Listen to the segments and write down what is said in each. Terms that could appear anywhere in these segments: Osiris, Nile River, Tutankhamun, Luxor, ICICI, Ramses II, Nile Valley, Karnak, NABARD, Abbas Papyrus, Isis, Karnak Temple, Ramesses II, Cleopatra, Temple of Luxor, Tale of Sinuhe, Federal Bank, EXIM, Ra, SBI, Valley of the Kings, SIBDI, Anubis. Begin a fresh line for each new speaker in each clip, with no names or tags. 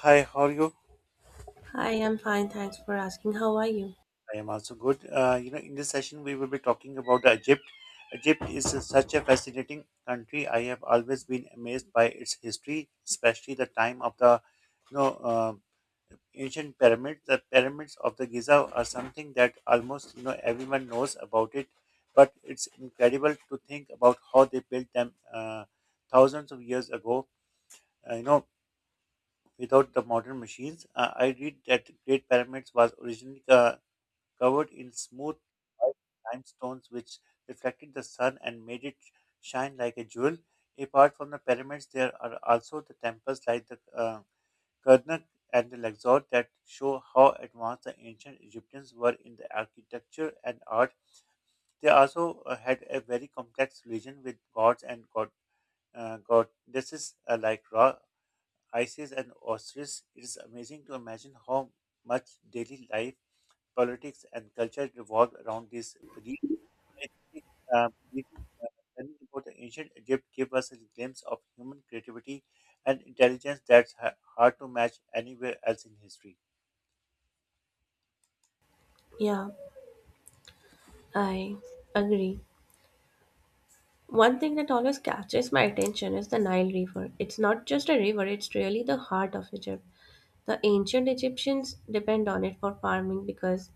Hi, how are you?
Hi, I'm fine. Thanks for asking. How are you?
I am also good. In this session, we will be talking about the Egypt. Egypt is such a fascinating country. I have always been amazed by its history, especially the time of the, you know, uh, ancient pyramids. The pyramids of the Giza are something that almost everyone knows about it, but it's incredible to think about how they built them thousands of years ago. Uh, you know, Without the modern machines, I read that Great Pyramids was originally covered in smooth white limestones which reflected the sun and made it shine like a jewel. Apart from the pyramids, there are also the temples like the Karnak and the Luxor that show how advanced the ancient Egyptians were in the architecture and art. They also had a very complex religion with gods and goddesses like Ra, Isis, and Osiris. It is amazing to imagine how much daily life politics, and culture revolve around this belief. I think, believing learning about the ancient Egypt gave us a glimpse of human creativity and intelligence that's hard to match anywhere else in history.
Yeah, I agree. One thing that always catches my attention is the Nile River. It's not just a river, it's really the heart of Egypt. The ancient Egyptians depend on it for farming because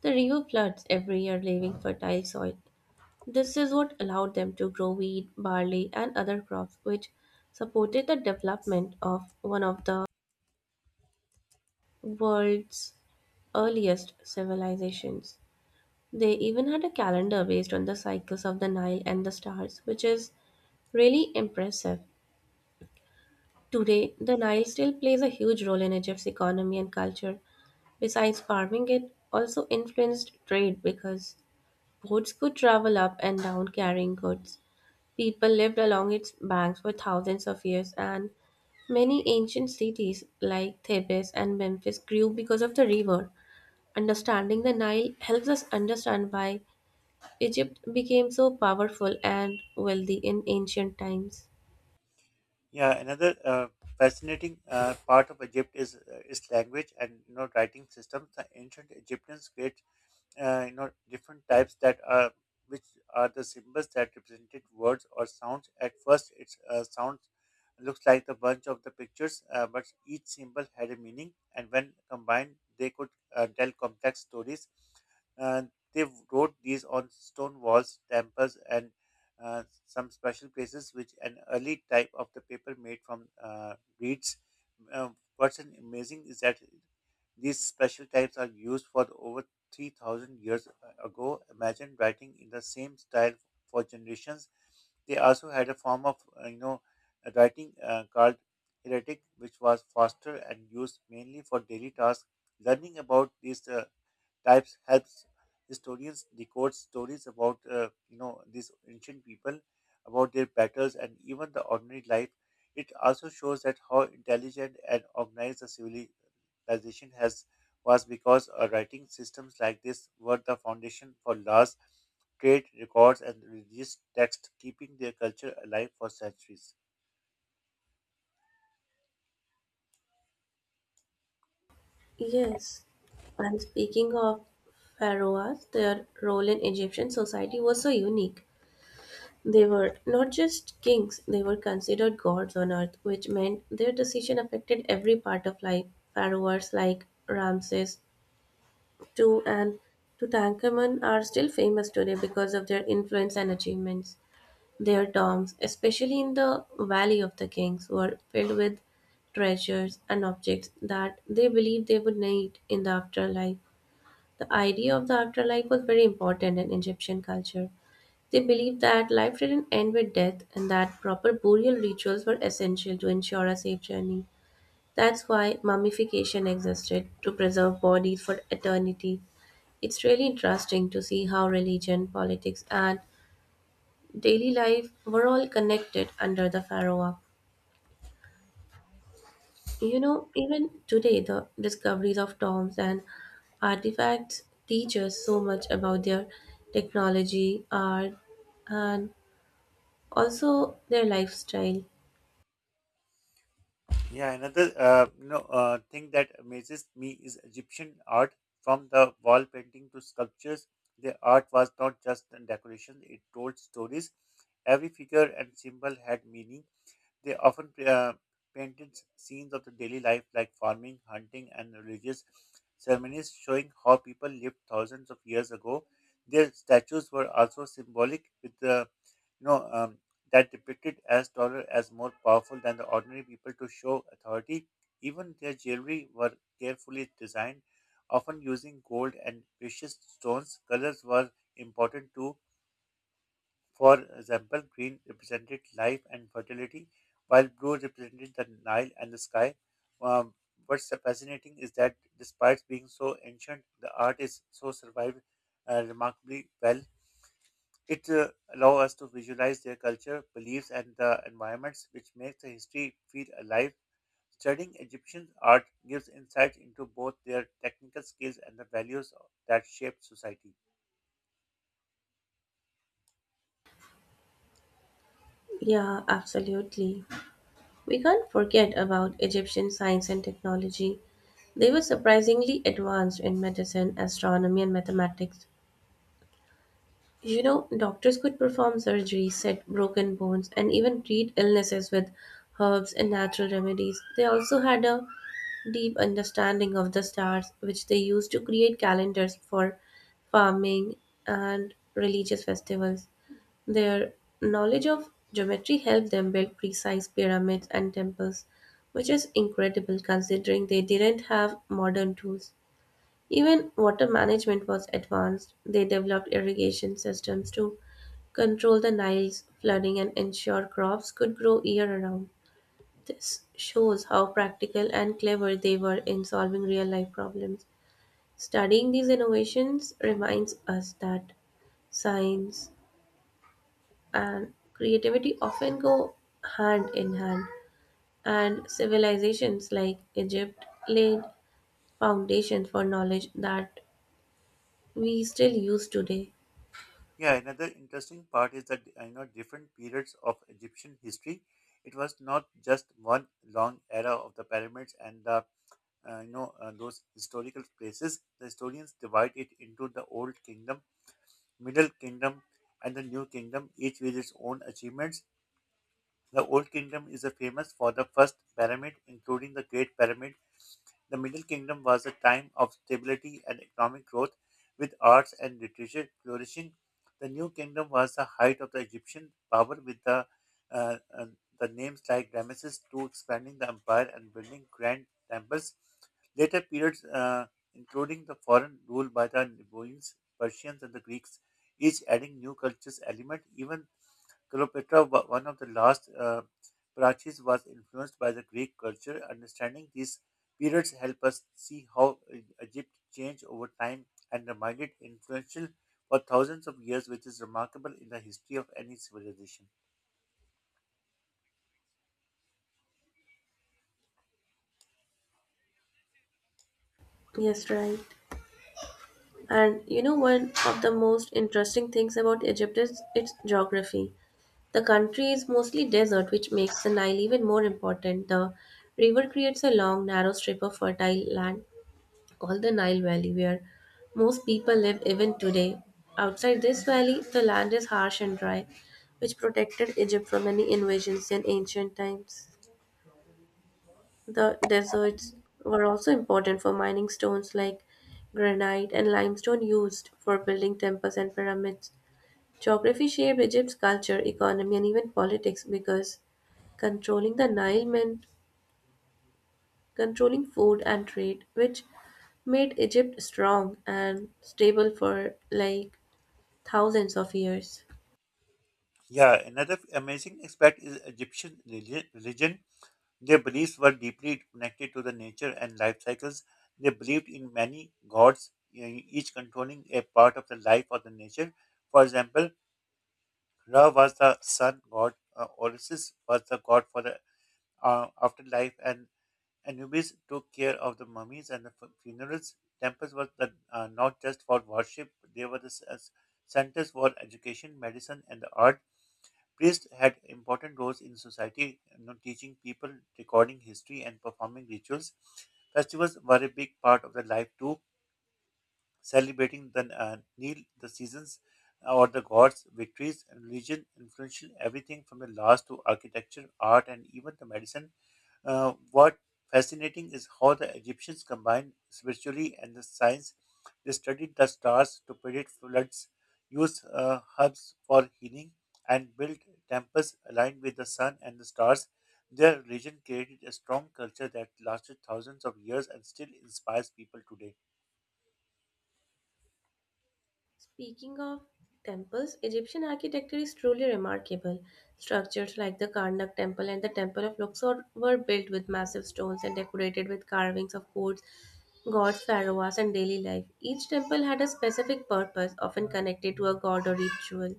the river floods every year, leaving fertile soil. This is what allowed them to grow wheat, barley, and other crops, which supported the development of one of the world's earliest civilizations. They even had a calendar based on the cycles of the Nile and the stars, which is really impressive. Today, the Nile still plays a huge role in Egypt's economy and culture. Besides farming, it also influenced trade because boats could travel up and down carrying goods. People lived along its banks for thousands of years, and many ancient cities like Thebes and Memphis grew because of the river. Understanding the Nile helps us understand why Egypt became so powerful and wealthy in ancient times.
Yeah, another fascinating part of Egypt is its language and writing systems. The ancient Egyptians created different types that which are the symbols that represented words or sounds at first its sounds looks like the bunch of the pictures, but each symbol had a meaning and when combined they could tell complex stories uh, they wrote these on stone walls temples and some special places which an early type of the paper made from reeds. Uh, what's an amazing is that these special types are used for the over 3,000 years ago. Imagine writing in the same style for generations. They also had a form of, uh, you know, writing uh, called hieratic, which was faster and used mainly for daily tasks. Learning about these types helps historians decode stories about these ancient people, about their battles, and even the ordinary life. It also shows that how intelligent and organized the civilization has was because writing systems like this were the foundation for laws, trade records, and religious texts, keeping their culture alive for centuries.
Yes, and speaking of pharaohs, their role in Egyptian society was so unique. They were not just kings, they were considered gods on earth, which meant their decision affected every part of life. Pharaohs like Ramses II and Tutankhamun are still famous today because of their influence and achievements. Their tombs, especially in the Valley of the Kings, were filled with treasures and objects that they believed they would need in the afterlife. The idea of the afterlife was very important in Egyptian culture. They believed that life didn't end with death and that proper burial rituals were essential to ensure a safe journey. That's why mummification existed to preserve bodies for eternity. It's really interesting to see how religion, politics, and daily life were all connected under the pharaoh. You know, even today, the discoveries of tombs and artifacts teach us so much about their technology, art, and also their lifestyle.
Yeah, another thing that amazes me is Egyptian art. From the wall painting to sculptures, their art was not just a decoration; it told stories. Every figure and symbol had meaning. They often painted scenes of the daily life, like farming, hunting, and religious ceremonies, showing how people lived thousands of years ago. Their statues were also symbolic, with the you know, um, that depicted as taller as more powerful than the ordinary people to show authority. Even their jewelry were carefully designed, often using gold and precious stones. Colors were important too. For example, green represented life and fertility, while blue represented the Nile and the sky. Um, what's so fascinating is that despite being so ancient, the art is so survived remarkably well it allows us to visualize their culture, beliefs, and the environments, which makes the history feel alive. Studying Egyptian art gives insight into both their technical skills and the values that shaped society.
Yeah, absolutely. We can't forget about Egyptian science and technology. They were surprisingly advanced in medicine, astronomy, and mathematics. You know, doctors could perform surgery, set broken bones, and even treat illnesses with herbs and natural remedies. They also had a deep understanding of the stars, which they used to create calendars for farming and religious festivals. Their knowledge of geometry helped them build precise pyramids and temples, which is incredible considering they didn't have modern tools. Even water management was advanced. They developed irrigation systems to control the Nile's flooding and ensure crops could grow year round. This shows how practical and clever they were in solving real life problems. Studying these innovations reminds us that science and creativity often go hand in hand, and civilizations like Egypt laid foundations for knowledge that we still use today.
Yeah, another interesting part is that different periods of Egyptian history. It was not just one long era of the pyramids and the those historical places. The historians divide it into the Old Kingdom, Middle Kingdom, and the New Kingdom, each with its own achievements. The Old Kingdom is a famous for the first pyramid, including the Great Pyramid. The Middle Kingdom was a time of stability and economic growth, with arts and literature flourishing. The New Kingdom was the height of the Egyptian power, with uh, uh, the names like Ramesses II expanding the empire and building grand temples. Later periods, including the foreign rule by the Nubans, Persians, and the Greeks, each adding new cultures element. Even Cleopatra, one of the last Parachis, was influenced by the Greek culture. Understanding these periods help us see how Egypt changed over time and remained influential for thousands of years, which is remarkable in the history of any civilization.
Yes, right. And you know, one of the most interesting things about Egypt is its geography. The country is mostly desert, which makes the Nile even more important. The river creates a long, narrow strip of fertile land called the Nile Valley, where most people live even today. Outside this valley, the land is harsh and dry, which protected Egypt from many invasions in ancient times. The deserts were also important for mining stones like granite and limestone used for building temples and pyramids. Geography shaped Egypt's culture, economy, and even politics because controlling the Nile meant controlling food and trade, which made Egypt strong and stable for like thousands of years.
Yeah, another amazing aspect is Egyptian religion. Their beliefs were deeply connected to the nature and life cycles. They believed in many gods, each controlling a part of the life of the nature. For example, Ra was the sun god. Orisis was the god for the afterlife, and Anubis took care of the mummies and the funerals. Temples were not just for worship; they were the s- as centers for education, medicine, and the art. Priests had important roles in society, you know, teaching people, recording history, and performing rituals. Festivals were a big part of their life too, celebrating the Nil, the seasons, or the gods' victories, and religion, influential everything from the laws to architecture, art, and even the medicine. What fascinating is how the Egyptians combined spirituality and the science. They studied the stars to predict floods, used herbs for healing, and built temples aligned with the sun and the stars. Their religion created a strong culture that lasted thousands of years and still inspires people today.
Speaking of temples, Egyptian architecture is truly remarkable. Structures like the Karnak Temple and the Temple of Luxor were built with massive stones and decorated with carvings of gods, pharaohs, and daily life. Each temple had a specific purpose, often connected to a god or ritual.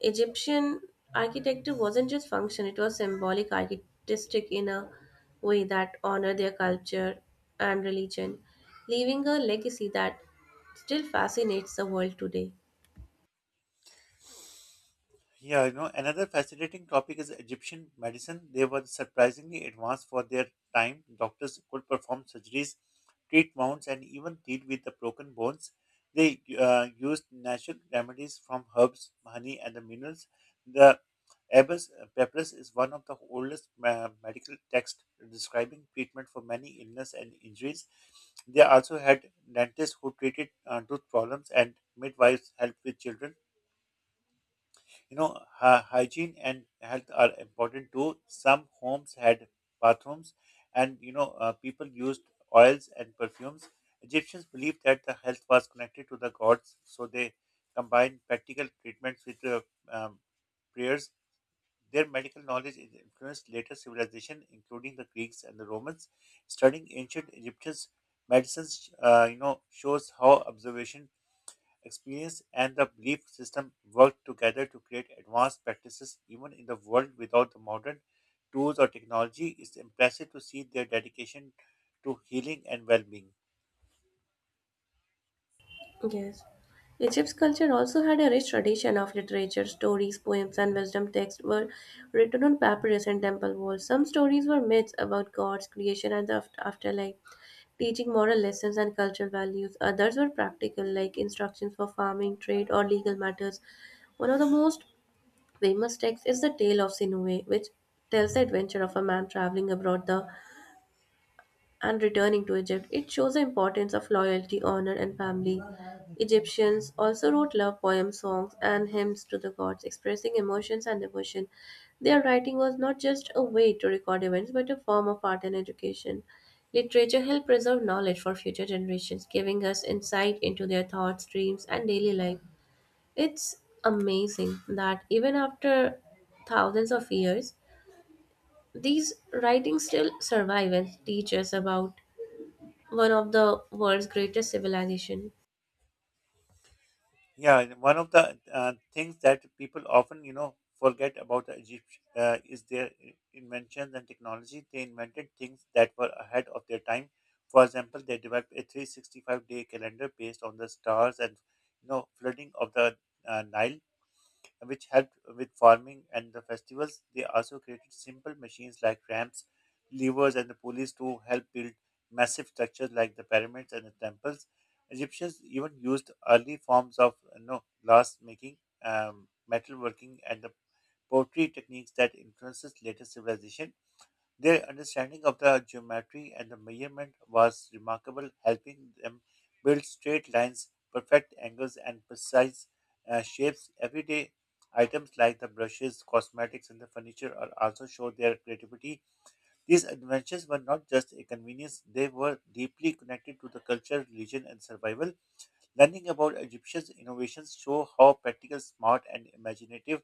Egyptian architecture wasn't just function, it was symbolic artistic in a way that honored their culture and religion, leaving a legacy that still fascinates the world today.
Yeah, you know, another fascinating topic is Egyptian medicine. They were surprisingly advanced for their time. Doctors could perform surgeries, treat wounds, and even deal with the broken bones. They used natural remedies from herbs, honey, and the minerals. The Abbas Papyrus is one of the oldest medical texts describing treatment for many illness and injuries. They also had dentists who treated tooth problems and midwives helped with children. You know, hygiene and health are important too. Some homes had bathrooms, and people used oils and perfumes. Egyptians believed that the health was connected to the gods, so they combined practical treatments with um, prayers. Their medical knowledge influenced later civilization, including the Greeks and the Romans. Studying ancient Egyptians' medicines, shows how observation Experience and the belief system work together to create advanced practices even in the world without the modern tools or technology. It's impressive to see their dedication to healing and well-being.
Yes. Egypt's culture also had a rich tradition of literature. Stories, poems, and wisdom texts were written on papyrus and temple walls. Some stories were myths about gods, creation, and the afterlife, teaching moral lessons and cultural values. Others were practical, like instructions for farming, trade, or legal matters. One of the most famous texts is the Tale of Sinuhe, which tells the adventure of a man traveling abroad the and returning to Egypt. It shows the importance of loyalty, honor, and family. Egyptians also wrote love poems, songs, and hymns to the gods, expressing emotions and devotion. Their writing was not just a way to record events, but a form of art and education. Literature helped preserve knowledge for future generations, giving us insight into their thoughts, dreams, and daily life. It's amazing that even after thousands of years, these writings still survive and teach us about one of the world's greatest civilization.
Yeah, and one of the things that people often, forget about the Egyptians is their inventions and technology. They invented things that were ahead of their time. For example, they developed a 365-day calendar based on the stars and, flooding of the Nile which helped with farming and the festivals. They also created simple machines like ramps, levers, and the pulleys to help build massive structures like the pyramids and the temples. Egyptians even used early forms of glass making, metalworking, and the pottery techniques that influences later civilization. Their understanding of the geometry and the measurement was remarkable, helping them build straight lines, perfect angles, and precise shapes. Everyday items like the brushes, cosmetics, and the furniture are also show their creativity. These adventures were not just a convenience, they were deeply connected to the culture, religion, and survival. Learning about Egyptian innovations show how practical, smart, and imaginative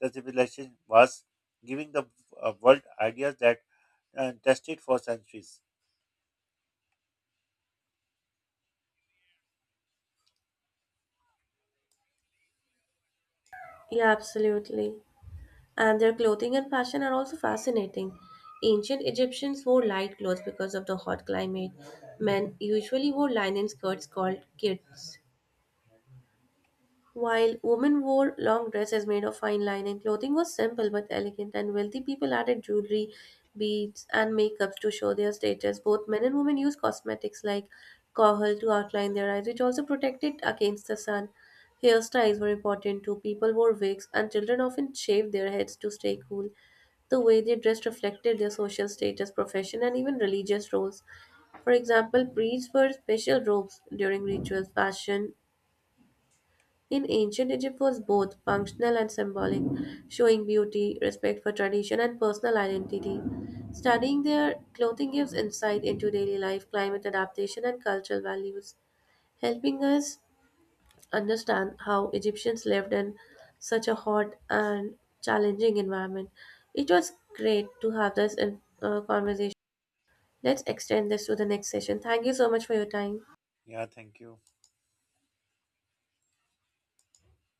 the civilization was, giving the world ideas that tested for centuries.
Yeah, absolutely. And their clothing and fashion are also fascinating. Ancient Egyptians wore light clothes because of the hot climate. Men usually wore linen skirts called kits. While women wore long dresses made of fine linen, clothing was simple but elegant, and wealthy people added jewelry, beads, and makeups to show their status. Both men and women used cosmetics like kohl to outline their eyes, which also protected against the sun. Hairstyles were important too. People wore wigs, and children often shaved their heads to stay cool. The way they dressed reflected their social status, profession, and even religious roles. For example, priests wore special robes during rituals, fashion, in ancient Egypt was both functional and symbolic, showing beauty, respect for tradition, and personal identity. Studying their clothing gives insight into daily life, climate adaptation, and cultural values, helping us understand how Egyptians lived in such a hot and challenging environment. It was great to have this conversation. Let's extend this to the next session. Thank you so much for your time.
Yeah, thank you.